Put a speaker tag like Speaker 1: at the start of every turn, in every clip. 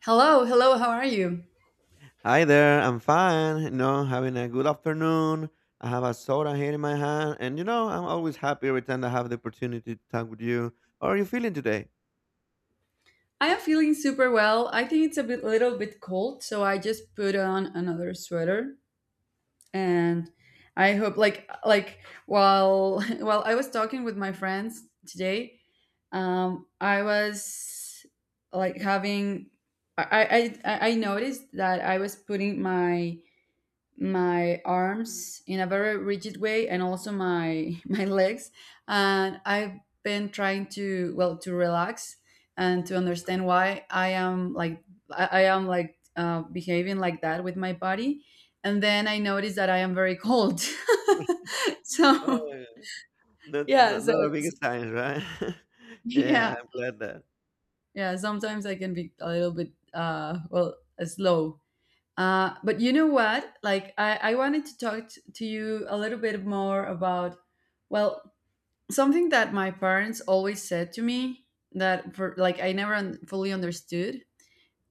Speaker 1: Hello, hello, how are you?
Speaker 2: Hi there, I'm fine. You know, having a good afternoon. I have a soda here in my hand, and you know, I'm always happy every time I have the opportunity to talk with you. How are you feeling today?
Speaker 1: I am feeling super well. I think it's little bit cold, so I just put on another sweater and I hope like while while I was talking with my friends today, I was like having I I noticed that I was putting my arms in a very rigid way and also my my legs and I've been trying to, well, to relax and to understand why I am like behaving like that with my body. And then I noticed that I am very cold.
Speaker 2: Oh,
Speaker 1: So,
Speaker 2: yeah. not,
Speaker 1: yeah.
Speaker 2: not,
Speaker 1: So
Speaker 2: not a big sign, right? Yeah,
Speaker 1: yeah,
Speaker 2: I'm glad that.
Speaker 1: yeah, sometimes I can be a little bit well, slow. But you know what? Like, I wanted to talk to you a little bit more about, well, something that my parents always said to me, that, for, like, I never fully understood.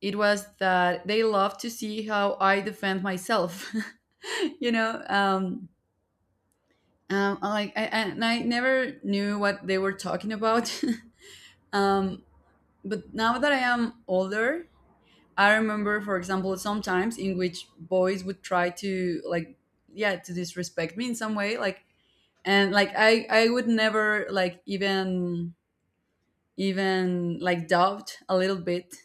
Speaker 1: It was that they love to see how I defend myself. You know, like, and I never knew what they were talking about. um, but now that I am older, I remember, for example, sometimes in which boys would try to, like, yeah, to disrespect me in some way, like, and like I would never like even like doubt a little bit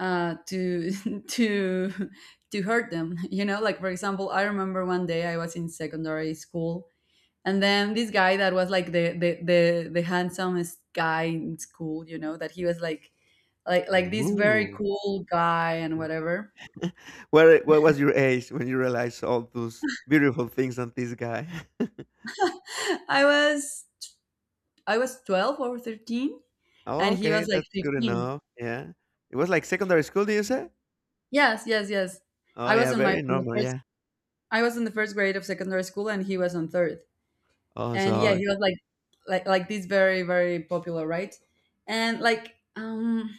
Speaker 1: to, to, to hurt them. You know, like, for example, I remember one day I was in secondary school, and then this guy that was like the handsomest guy in school, you know, that he was like, this very
Speaker 2: Ooh.
Speaker 1: cool guy and whatever.
Speaker 2: What was your age when you realized all those beautiful things on this guy?
Speaker 1: I was I was 12 or 13,
Speaker 2: Oh,
Speaker 1: and he
Speaker 2: okay,
Speaker 1: was like
Speaker 2: that's good
Speaker 1: 15.
Speaker 2: enough. Yeah. It was like secondary school, do you say?
Speaker 1: Yes, yes, yes.
Speaker 2: Oh,
Speaker 1: I was
Speaker 2: yeah,
Speaker 1: on my
Speaker 2: very
Speaker 1: in the
Speaker 2: normal.
Speaker 1: first
Speaker 2: Yeah.
Speaker 1: I was in the first grade of secondary school, and he was on third.
Speaker 2: Oh,
Speaker 1: And yeah,
Speaker 2: so.
Speaker 1: he was like this very, very popular, right? And like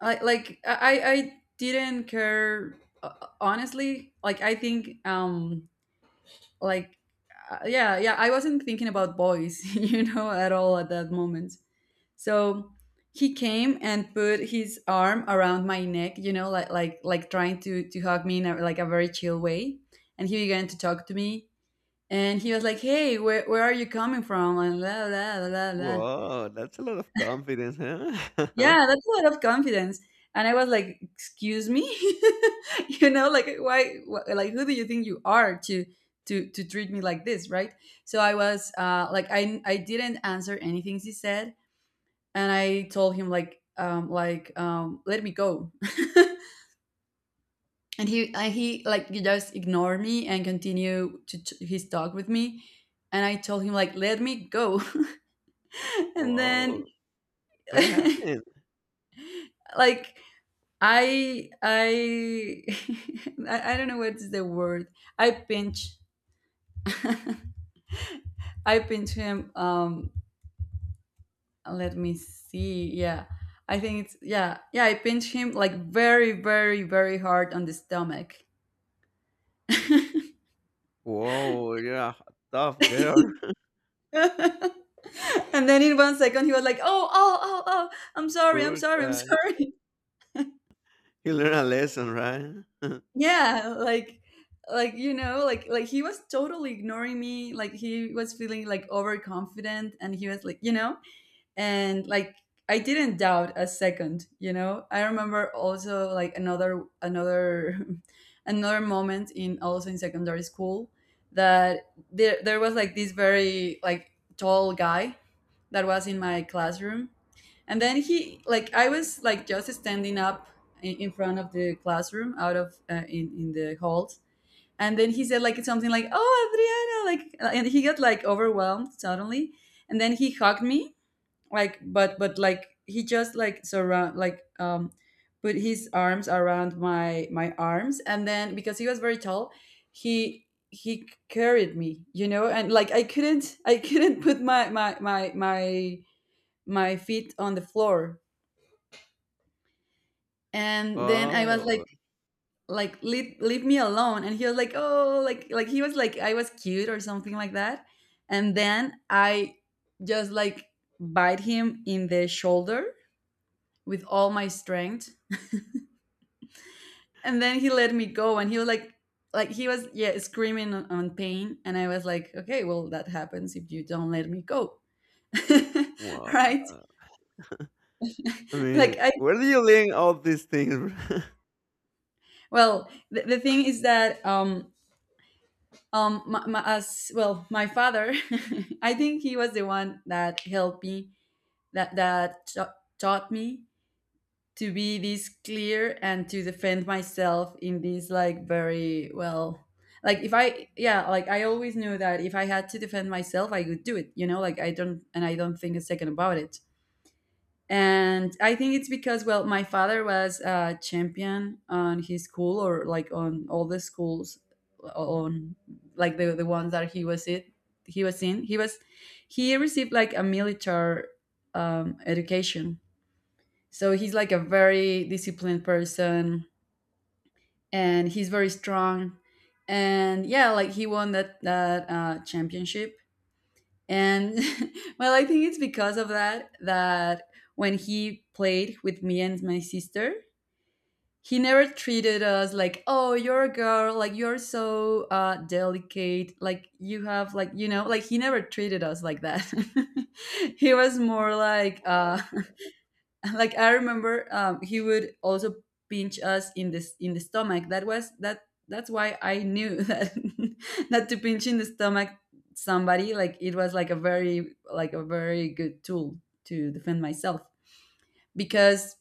Speaker 1: like I didn't care, uh, honestly. Like, I think like yeah, yeah, I wasn't thinking about boys, you know, at all at that moment. So he came and put his arm around my neck, you know, like, like trying to hug me like, a very chill way. And he began to talk to me, and he was like, "Hey, where are you coming from?" And la la la la, blah.
Speaker 2: Wow, that's a lot of confidence, huh?
Speaker 1: Yeah, that's a lot of confidence. And I was like, "Excuse me," you know, like, like, who do you think you are to treat me like this, right? So I was like, I didn't answer anything he said, and I told him, like, let me go. And he and he like he just ignored me and continued to his talk with me, and I told him, like, let me go. And
Speaker 2: Wow,
Speaker 1: then
Speaker 2: what happened?
Speaker 1: like, I I don't know what's the word. I pinch. I pinch him, let me see. Yeah. I think it's, yeah. Yeah, I pinch him, like, very, very, very hard on the stomach.
Speaker 2: Wow, yeah, tough girl.
Speaker 1: And then, in one second, he was like, "Oh, oh, oh, oh! I'm sorry, I'm
Speaker 2: Poor
Speaker 1: sorry, I'm
Speaker 2: guy.
Speaker 1: sorry."
Speaker 2: He learned a lesson, right?
Speaker 1: Yeah, like, like he was totally ignoring me. Like, he was feeling like overconfident, and he was like, and like, I didn't doubt a second. You know, I remember also, like, another another another moment, in, also in secondary school, that there was, like, this very, like, tall guy that was in my classroom. And then he like I was, like, just standing up in front of the classroom out of, in the halls. And then he said, like, something like, "Oh, Adriana," like, and he got like overwhelmed suddenly, and then he hugged me, like, but like he just like surround, put his arms around my arms. And then, because he was very tall, he carried me, you know. And like, I couldn't put my feet on the floor. And then I was like
Speaker 2: Oh,
Speaker 1: like leave, leave me alone. And he was like, "Oh," like, he was like I was cute or something like that. And then I just, like, bite him in the shoulder with all my strength. And then he let me go, and he was like, he was, yeah, screaming on, pain. And I was like, okay, well, that happens if you don't let me go.
Speaker 2: wow.
Speaker 1: Right?
Speaker 2: I
Speaker 1: Like,
Speaker 2: mean,
Speaker 1: I,
Speaker 2: where do you learn all these things?
Speaker 1: well, the thing is that, as well, my father, I think he was the one that helped me, taught me to be this clear and to defend myself in this, like, very well. Like, if I yeah like, I always knew that if I had to defend myself, I could do it, you know. Like, I don't think a second about it. And I think it's because, well, my father was a champion on his school, or like on all the schools, on, like, the ones that he was He received like a military, education. So he's like a very disciplined person, and he's very strong. And yeah, like, he won that, championship. And well, I think it's because of that, when he played with me and my sister, he never treated us like, "Oh, you're a girl, like, you're so delicate, like you have like, like, he never treated us like that." He was more like,
Speaker 2: Wow.
Speaker 1: like, I remember, he would also pinch us in this in the stomach. That was that That's why I knew that, to pinch in the stomach somebody, like, it was like a very, like a very good tool to defend myself. Because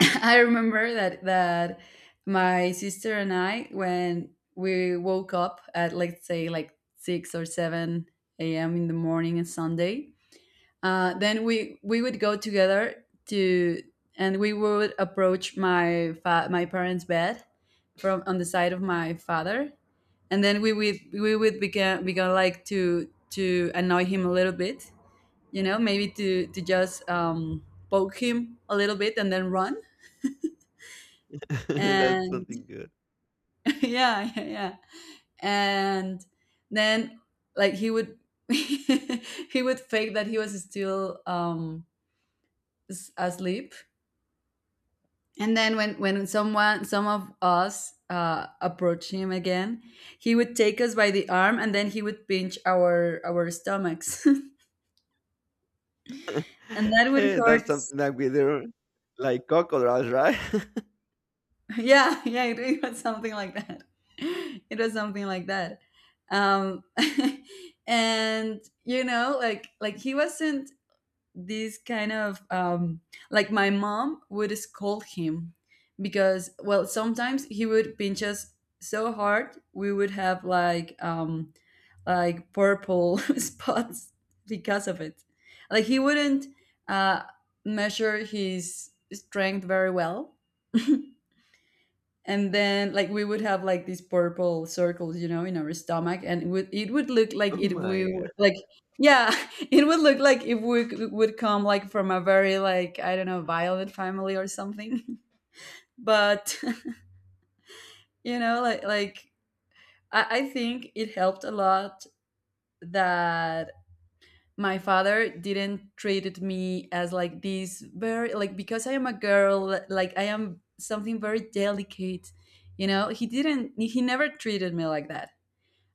Speaker 1: I remember that my sister and I, when we woke up at, let's say, like, 6 or 7 a.m. in the morning on Sunday, then we would go together to, and we would approach my parents' bed from on the side of my father. And then we would begin began, like, to annoy him a little bit, you know, maybe to just poke him a little bit and then run.
Speaker 2: That's
Speaker 1: And
Speaker 2: something good.
Speaker 1: yeah, yeah, yeah, and then, like, he would he would fake that he was still asleep. And then when some of us, approach him again, he would take us by the arm, and then he would pinch our stomachs, and that would
Speaker 2: Hey, that's
Speaker 1: hurt.
Speaker 2: something that we do, like crocodiles, right?
Speaker 1: Yeah, yeah, it was something like that. It was something like that. Um, and you know, like, he wasn't this kind of, like, my mom would scold him because, well, sometimes he would pinch us so hard we would have, like, like, purple spots because of it. Like, he wouldn't, uh, measure his strength very well. And then, like, we would have, like, these purple circles, in our stomach, and it would look like
Speaker 2: Oh
Speaker 1: it we
Speaker 2: my God.
Speaker 1: like, yeah, it would look like, if we would come like from a very, like, I don't know, violent family or something. But you know, like, I think it helped a lot, that my father didn't treated me as like this very, like, because I am a girl, like I am something very delicate, you know. He didn't he never treated me like that.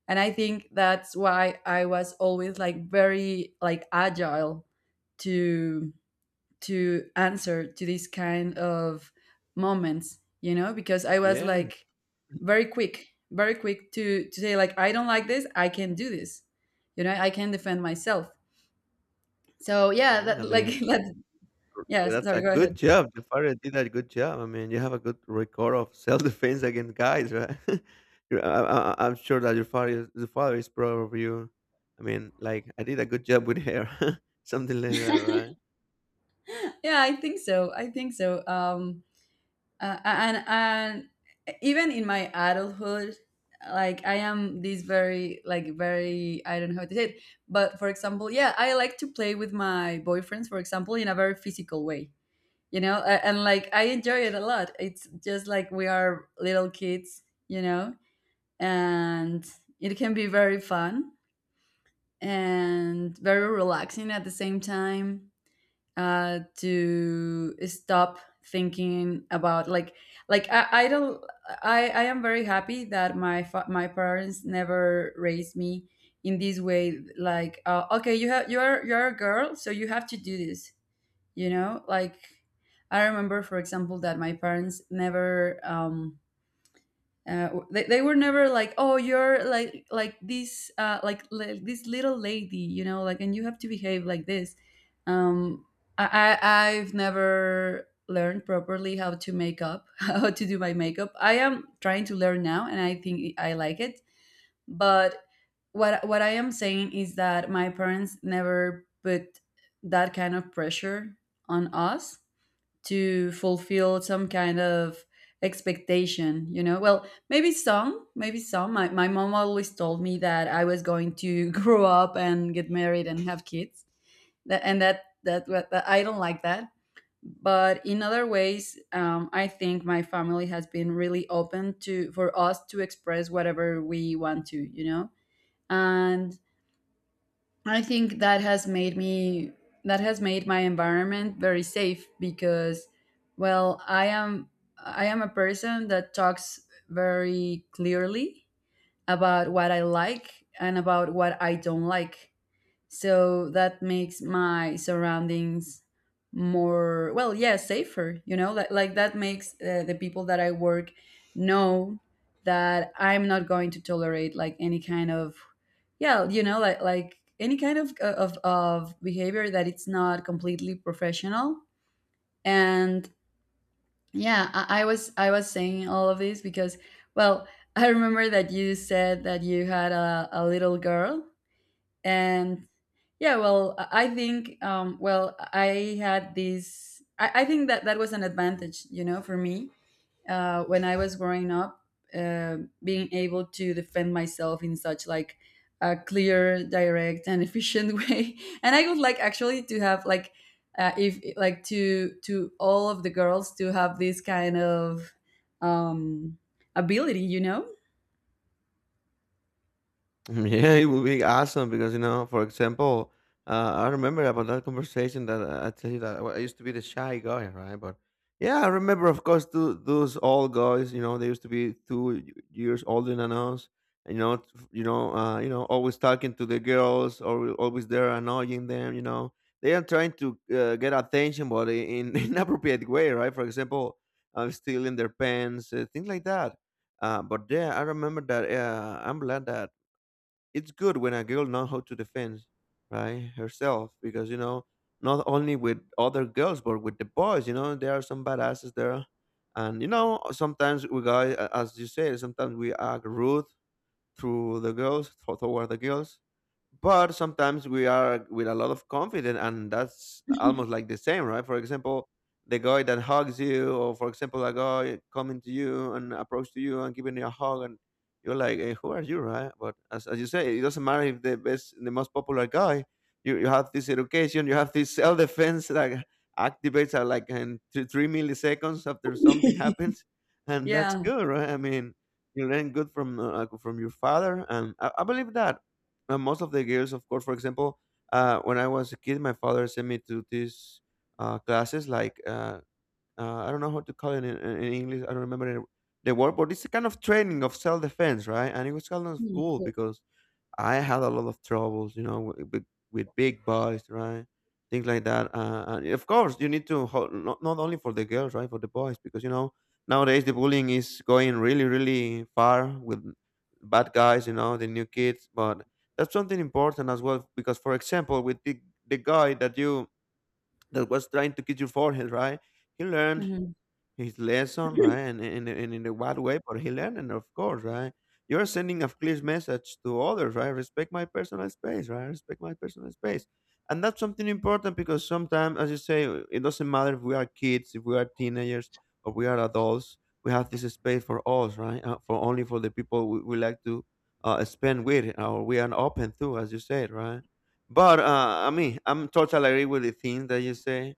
Speaker 1: And I think that's why I was always, like, very, like, agile to answer to these kind of moments, you know, because I was
Speaker 2: Yeah,
Speaker 1: like very quick, very quick, to say, like, I don't like this, I can do this, you know, I can defend myself. So yeah,
Speaker 2: yeah.
Speaker 1: that,
Speaker 2: I
Speaker 1: like,
Speaker 2: mean,
Speaker 1: that, yes,
Speaker 2: that's
Speaker 1: sorry,
Speaker 2: a
Speaker 1: go
Speaker 2: good
Speaker 1: ahead.
Speaker 2: job. Jafari did a good job. I mean, you have a good record of self-defense against guys, right? I am sure that the father is proud of you. I mean, like I did a good job with her, something like that, right?
Speaker 1: Yeah, I think so, and even in my adulthood, like, I am this very, like, very, I don't know how to say it, but, for example, yeah, I like to play with my boyfriends, for example, in a very physical way, you know. And like, I enjoy it a lot. It's just like we are little kids, you know, and it can be very fun and very relaxing at the same time, to stop thinking about, like, I don't. I am very happy that my parents never raised me in this way. Like, okay, you have, you're a girl, so you have to do this, you know, like, I remember, for example, that my parents never They were never like, "Oh, you're like this like this little lady, you know, like, and you have to behave like this." Um, I, I i've never learned properly how to make up how to do my makeup. I am trying to learn now and I think I like it. But what I am saying is that my parents never put that kind of pressure on us to fulfill some kind of expectation, you know. Well, maybe some my mom always told me that I was going to grow up and get married and have kids. And that I don't like that. But in other ways, I think my family has been really open to, for us to express whatever we want to, you know. And I think that has made me, that has made my environment very safe, because, well, I am a person that talks very clearly about what I like and about what I don't like. So that makes my surroundings more, well, yeah, safer, you know, like that makes the people that I work know that I'm not going to tolerate like any kind of, yeah, you know, like any kind of of behavior that it's not completely professional. And, yeah, I was saying all of this because, well, I remember that you said that you had a little girl. And yeah, well, I think, well, I had this. I think that that was an advantage, you know, for me when I was growing up, uh, being able to defend myself in such like a clear, direct, and efficient way. And I would like actually to have like, if like to all of the girls to have this kind of um, ability, you know?
Speaker 2: Mm, yeah, it would be awesome because you know, for example, I remember about that conversation that I tell you that, well, I used to be the shy guy, right? But yeah, I remember, of course, those old guys. You know, they used to be two years older than us. You know, always talking to the girls, or always there annoying them. You know, they are trying to get attention, but in inappropriate way, right? For example, stealing their pants, things like that. But yeah, I remember that. I'm glad that it's good when a girl know how to defend, right, herself, because you know, not only with other girls but with the boys, you know, there are some badasses there. And you know, sometimes we guys, as you say, sometimes we act rude through the girls tho- toward the girls. But sometimes we are with a lot of confidence, and that's almost like the same, right? For example, the guy that hugs you, or for example, a guy coming to you and approach to you and giving you a hug, and you're like, hey, who are you, right? But as you say, it doesn't matter if the best, the most popular guy, you have this education, you have this self-defense that activates at like in 2, 3 milliseconds after something happens. And that's
Speaker 1: Yeah.
Speaker 2: good, right? I mean, you learn good from your father, and I believe that, most of the girls, of course, for example, when I was a kid, my father sent me to these classes, like, I don't know how to call it in, in English. I don't remember the word, but it's a kind of training of self defense, right? And it was kind of
Speaker 1: Mm,
Speaker 2: cool
Speaker 1: cool.
Speaker 2: because I had a lot of troubles, you know, with big boys, right? Things like that. And of course, you need to not only for the girls, right, for the boys, because you know, nowadays the bullying is going really, really far with bad guys, you know, the new kids. But that's something important as well, because for example, with the guy that you, that was trying to kiss your forehead, right? He learned
Speaker 1: Mhm.
Speaker 2: his lesson, right? And in a what way? But he learned, and of course, right? You're sending a clear message to others, right? Respect my personal space, right? Respect my personal space, and that's something important because sometimes, as you say, it doesn't matter if we are kids, if we are teenagers, or we are adults. We have this space for us, right? For only for the people we like to spend with, or we are open to, as you said, right? But I mean, I'm totally agree with the things that you say,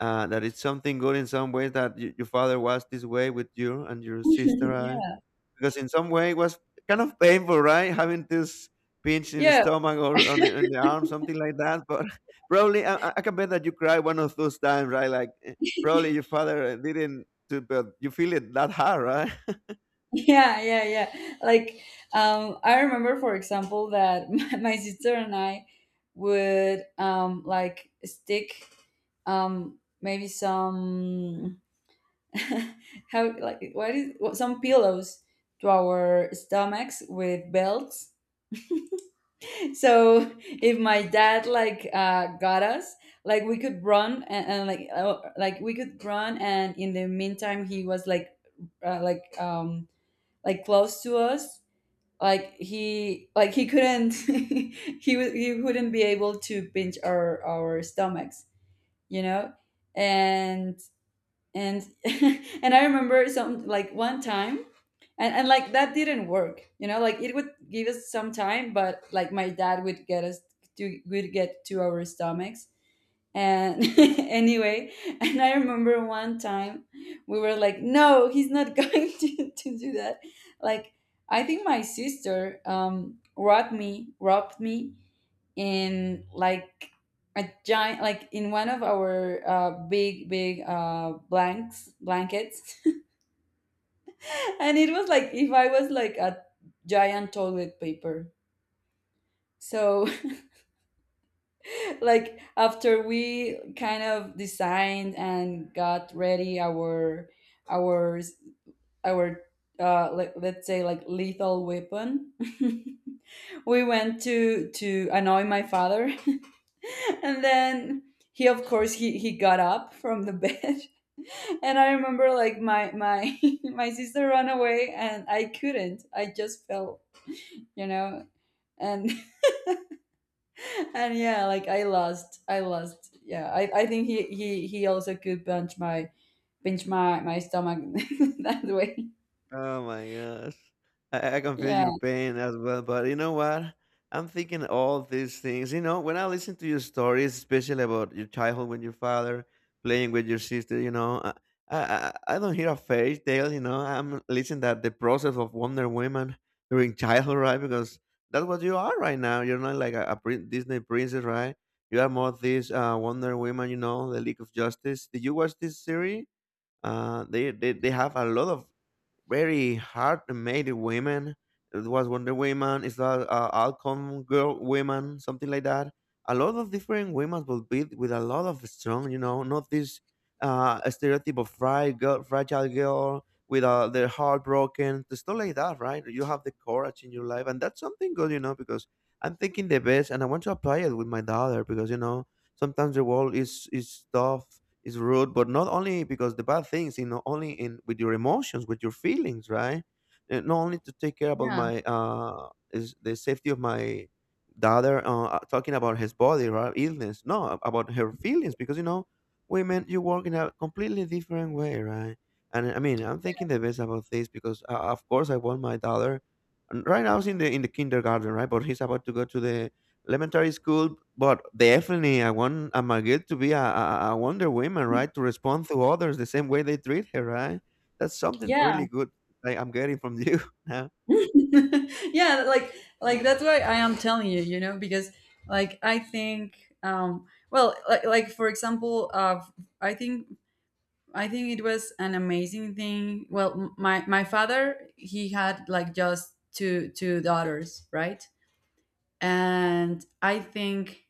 Speaker 2: that it's something good in some ways that your father was this way with you and your sister, right?
Speaker 1: Yeah.
Speaker 2: Because in some way it was kind of painful, right? Having this pinch in the
Speaker 1: Yeah,
Speaker 2: stomach or on the arm, something like that. But probably I can bet that you cried one of those times, right? Like, probably your father, didn't, do, but you feel it that hard, right?
Speaker 1: yeah, yeah, yeah, like, I remember for example that my sister and I would like stick, maybe some, how like, what is what, some pillows to our stomachs with belts. So if my dad like got us, like we could run, and like we could run, and in the meantime he was like, like, like, close to us, like he, couldn't he wouldn't be able to pinch our stomachs, you know. and and and I remember some, like, one time. And like, that didn't work, you know, like it would give us some time, but like, my dad would get us to, would get to our stomachs, and anyway, and I remember one time we were like, "No, he's not going to do that." Like, I think my sister, robbed me in, like, a giant, like in one of our big, big, blankets. And it was like if I was like a giant toilet paper. So like, after we kind of designed and got ready our, our our like, let's say, like, lethal weapon, we went to annoy my father. And then, he, of course, he got up from the bed. And I remember, like, my my sister ran away, and I couldn't I just fell, you know. and and, yeah, like, I lost, yeah, I think he also could punch my pinch my stomach that way.
Speaker 2: Oh my gosh. I can feel
Speaker 1: Yeah,
Speaker 2: your pain as well. But you know what? I'm thinking all these things. You know, when I listen to your stories, especially about your childhood with your father, playing with your sister, you know, I don't hear a fairy tale. You know, I'm listening that the process of Wonder Woman during childhood, right? Because that's what you are right now. You're not like a Disney princess, right? You are more this Wonder Woman, you know, the League of Justice. Did you watch this series? They have a lot of very hard made women. It was Wonder Woman. It's that Alcon Girl Women, something like that. A lot of different women will be with a lot of strong, you know, not this stereotype of fry girl, fragile girl with their heart broken, the stuff like that, right? You have the courage in your life, and that's something good, you know, because I'm thinking the best, and I want to apply it with my daughter because you know, sometimes the world is tough, is rude, but not only because the bad things, you know, only in with your emotions, with your feelings, right? And not only to take care about
Speaker 1: yeah,
Speaker 2: my is the safety of my daughter, talking about his body, right, illness, no, about her feelings, because you know, women, you work in a completely different way, right? And I mean, I'm thinking the best about this because, of course, I want my daughter, and right now he's in the kindergarten, right? But he's about to go to the elementary school. But definitely I want a Margit to be a Wonder Woman, right? To respond to others the same way they treat her, right? That's something
Speaker 1: yeah,
Speaker 2: really good I'm getting from you now.
Speaker 1: yeah, like that's why I am telling you, you know, because, like, I think, well, like, for example, i think I think it was an amazing thing. Well, my father, he had like just two daughters, right? And I think,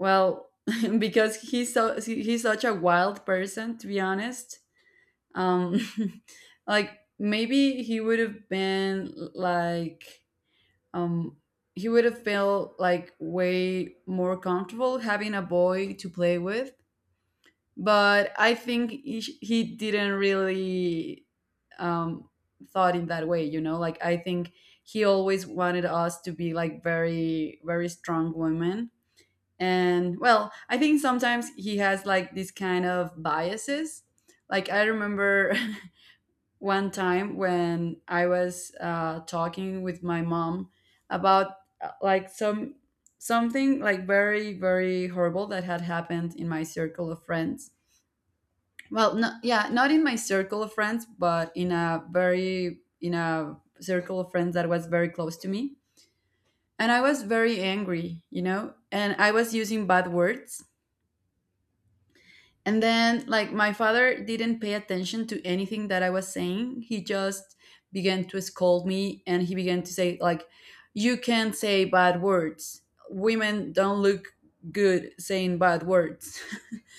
Speaker 1: well, because he's such a wild person, to be honest. Um, like, maybe he would have been like, um he would have felt like way more comfortable having a boy to play with, but I think he didn't really, um thought in that way, you know? Like, I think he always wanted us to be like very, very strong women. And, well, I think sometimes he has like this kind of biases. Like, I remember one time when I was talking with my mom about, like, something like very, very horrible that had happened in my circle of friends. Well, no, yeah, not in my circle of friends, but in a circle of friends that was very close to me. And I was very angry, you know, and I was using bad words. And then, like, my father didn't pay attention to anything that I was saying. He just began to scold me and he began to say, like, "You can't say bad words. Women don't look good saying bad words."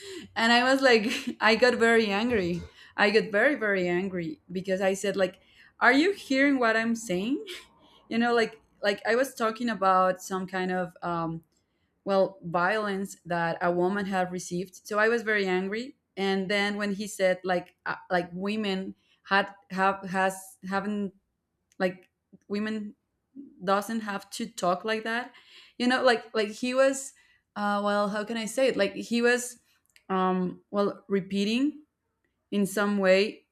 Speaker 1: And I was like, I got very angry. I got very, very angry because I said, like, "Are you hearing what I'm saying?" You know, like, I was talking about some kind of, well, violence that a woman had received. So I was very angry. And then when he said, like, like, women had, have, has, haven't, like, women doesn't have to talk like that, you know. He was, well, how can I say it, like he was, well, repeating in some way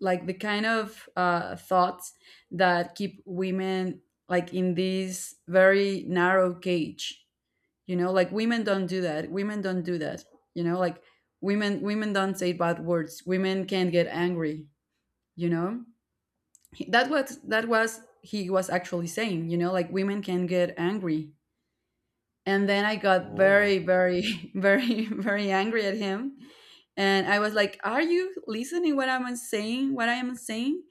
Speaker 1: like the kind of, thoughts that keep women like in this very narrow cage, you know. Like, women don't do that, women don't do that, you know, like, women don't say bad words, women can't get angry, you know. That was he was actually saying, you know, like, women can get angry. And then I got
Speaker 2: Oh,
Speaker 1: very,
Speaker 2: that's-
Speaker 1: very very, very angry at him. And I was like, "Are you listening what I'm saying, what I am saying?"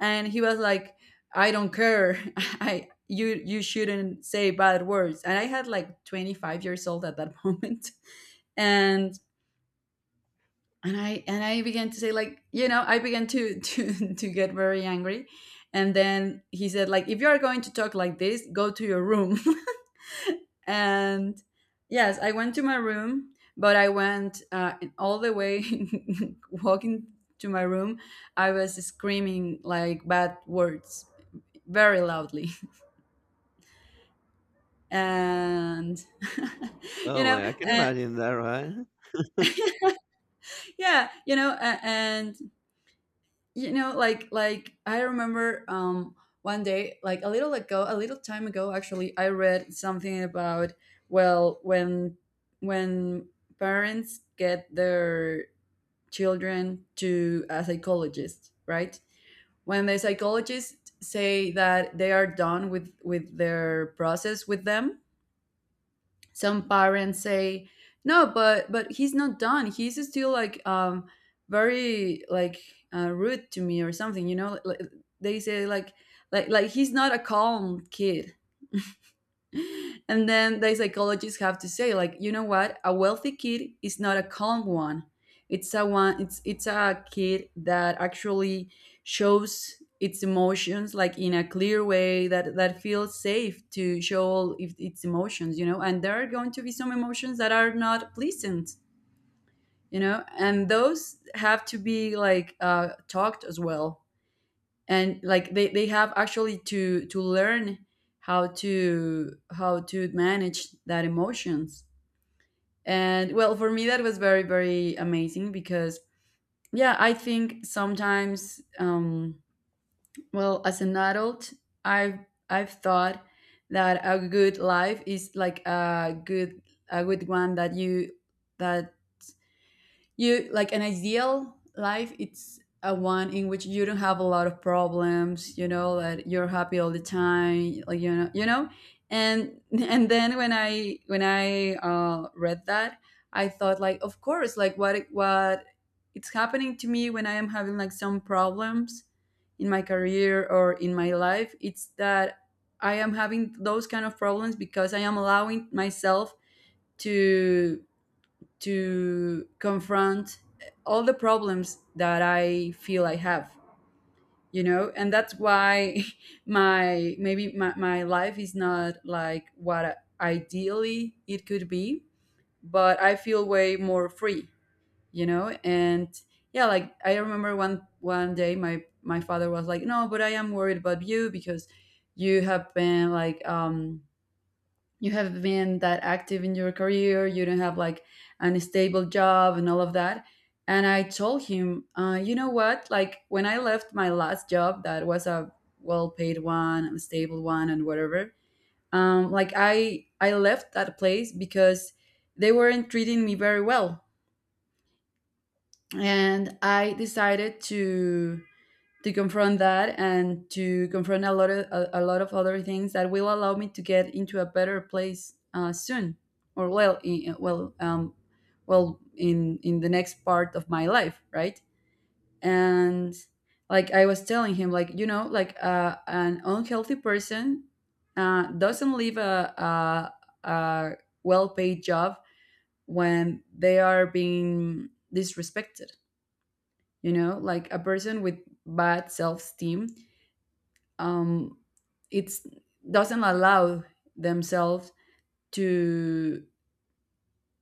Speaker 1: And he was like, "I don't care. I you you shouldn't say bad words." And I had like 25 years old at that moment. and and I began to say, like, you know, I began to to get very angry, and then he said, like, "If you are going to talk like this, go to your room." And yes, I went to my room, but I went all the way walking to my room. I was screaming like bad words very loudly. And you
Speaker 2: Oh
Speaker 1: know,
Speaker 2: my! I can
Speaker 1: uh,
Speaker 2: imagine that, right?
Speaker 1: yeah, you know. And you know, like I remember, one day, like a little ago, a little time ago actually, I read something about, well, when, when parents get their children to a psychologist, right? When the psychologists say that they are done with their process with them, some parents say, "No, but he's not done, he's still like, very, like, rude to me or something, you know, they say, like, he's not a calm kid." And then the psychologists have to say, like, "You know what, a wealthy kid is not a calm one. It's a one, it's a kid that actually shows its emotions, like, in a clear way, that feels safe to show all if its emotions, you know. And there are going to be some emotions that are not pleasant, you know, and those have to be like, talked as well. And like they have actually to learn how to manage that emotions." And, well, for me that was very, very amazing because, yeah, I think sometimes, well, as an adult i've I've thought that a good life is like a good, a good one, that you, that you, like, an ideal life, it's a one in which you don't have a lot of problems, you know, that you're happy all the time, like, you know, you know. And And then, when I read that, I thought, like, of course, like, what it's happening to me when I am having like some problems in my career or in my life, it's that I am having those kind of problems because I am allowing myself to to confront all the problems that I feel I have, you know? And that's why my maybe my life is not like what ideally it could be, but I feel way more free, you know? And yeah, like I remember one day my father was like, "No, but I am worried about you because you have been like you have been that active in your career. You don't have like an stable job and all of that." And I told him, you know what, like when I left my last job, that was a well-paid one and stable one and whatever. Like I left that place because they weren't treating me very well, and I decided to confront that and to confront a lot of a lot of other things that will allow me to get into a better place soon, or well in, well in the next part of my life, right? And like I was telling him, like, you know, like an unhealthy person doesn't leave a well-paid job when they are being disrespected, you know, like a person with bad self-esteem, um, it's doesn't allow themselves to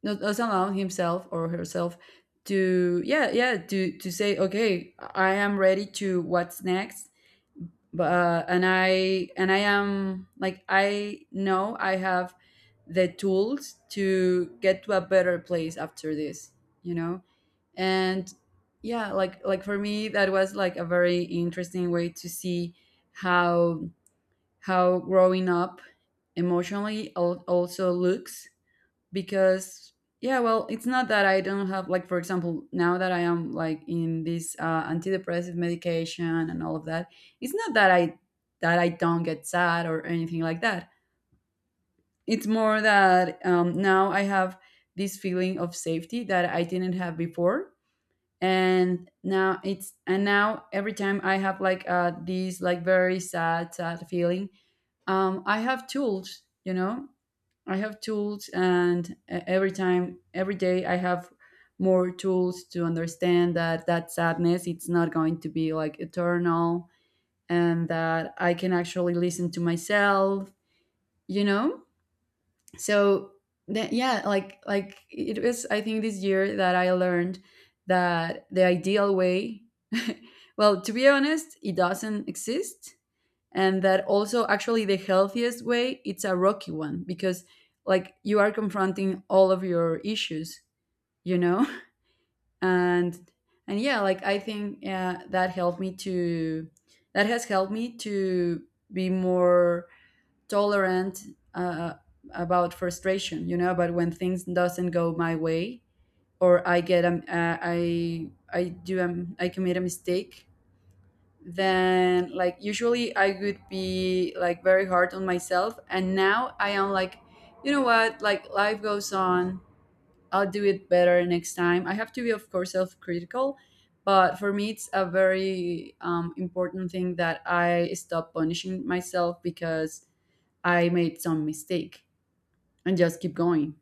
Speaker 1: doesn't allow himself or herself to, yeah, yeah, to say, okay, I am ready to what's next. But and I am like, I know I have the tools to get to a better place after this, you know. And yeah, like for me that was like a very interesting way to see how how growing up emotionally also looks, because, yeah, well, it's not that I don't have, like, for example, now that I am like in this antidepressive medication and all of that, it's not that I that I don't get sad or anything like that. It's more that, now I have this feeling of safety that I didn't have before. And now it's, and now every time I have like these like very sad feeling, I have tools, I have tools, and every time, every day, I have more tools to understand that that sadness it's not going to be like eternal, and that I can actually listen to myself, you know. So that, yeah, like it was. I think this year that I learned that the ideal way, well, to be honest, it doesn't exist, and that also actually the healthiest way it's a rocky one because like you are confronting all of your issues, you know. and and yeah, like I think that helped me to, that has helped me to be more tolerant uh, about frustration, you know, about when things doesn't go my way, or I get I do I commit a mistake. Then like usually I would be like very hard on myself, and now I am like, you know what, like life goes on. I'll do it better next time. I have to be, of course, self-critical, but for me it's a very important thing that I stop punishing myself because I made some mistake and just keep going.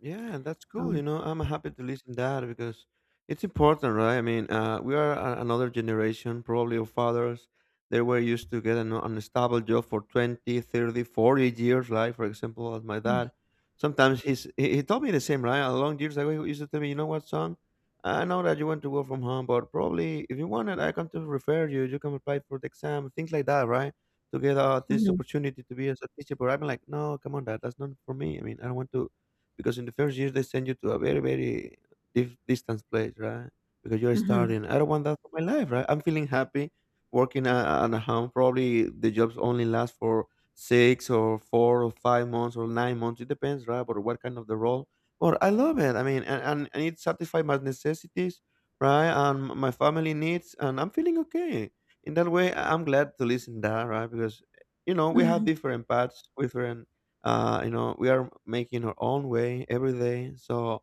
Speaker 2: Yeah, that's cool.
Speaker 1: um,
Speaker 2: You know, I'm happy to listen that because it's important, right? I mean, we are another generation, probably of fathers. They were used to get an stable job for 20, 30, 40 years, right? For example, as my dad, sometimes he told me the same, right? A long years ago, he used to tell me, you know what, son? I know that you want to work from home, but probably if you wanted, I can to refer you. You can apply for the exam, things like that, right? To get this
Speaker 1: mhm,
Speaker 2: opportunity to be as a teacher. But I'm like, no, come on, dad, that's not for me. I mean, I don't want to, because in the first years they send you to a very very distance place, right? Because you're
Speaker 1: mhm,
Speaker 2: starting, I don't want that for my life, right? I'm feeling happy working on a home. Probably the jobs only last for 6 or 4 or 5 months or 9 months. It depends, right, or what kind of the role. But I love it, I mean, and it satisfies my necessities, right, and my family needs, and I'm feeling okay in that way. I'm glad to listen that, right? Because you know, we have
Speaker 1: mhm.
Speaker 2: different paths, different, you know, we are making our own way every day. So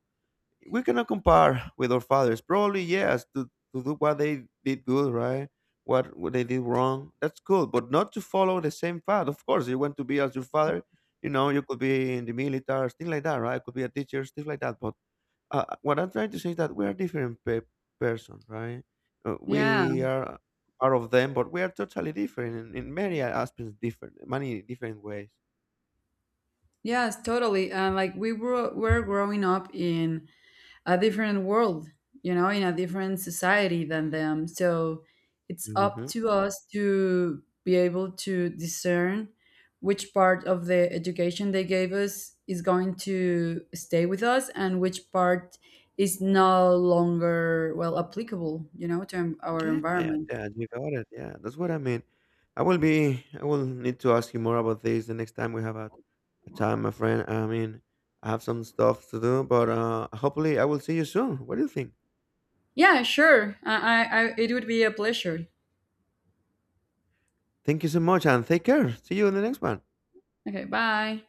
Speaker 2: we cannot compare with our fathers, probably yes, to do what they did good, right, what they did wrong. That's cool. But not to follow the same path. Of course you want to be as your father. You know, you could be in the military, things like that, right? Could be a teacher, things like that, but what I'm trying to say is that we are different person, right? Uh,
Speaker 1: Yeah.
Speaker 2: we are part of them, but we are totally different in many aspects, different, many different ways.
Speaker 1: Yes, totally. And like we were growing up in a different world, you know, in a different society than them. So it's up
Speaker 2: Mhm.
Speaker 1: to us to be able to discern which part of the education they gave us is going to stay with us and which part is no longer well applicable, you know, to our
Speaker 2: Yeah, yeah,
Speaker 1: environment.
Speaker 2: yeah, you got it. Yeah, that's what I mean. I will need to ask you more about this the next time we have a time, my friend. I mean, I have some stuff to do, but hopefully I will see you soon. What do you think?
Speaker 1: Yeah, sure. I it would be a pleasure.
Speaker 2: Thank you so much and take care. See you in the next one.
Speaker 1: Okay, bye.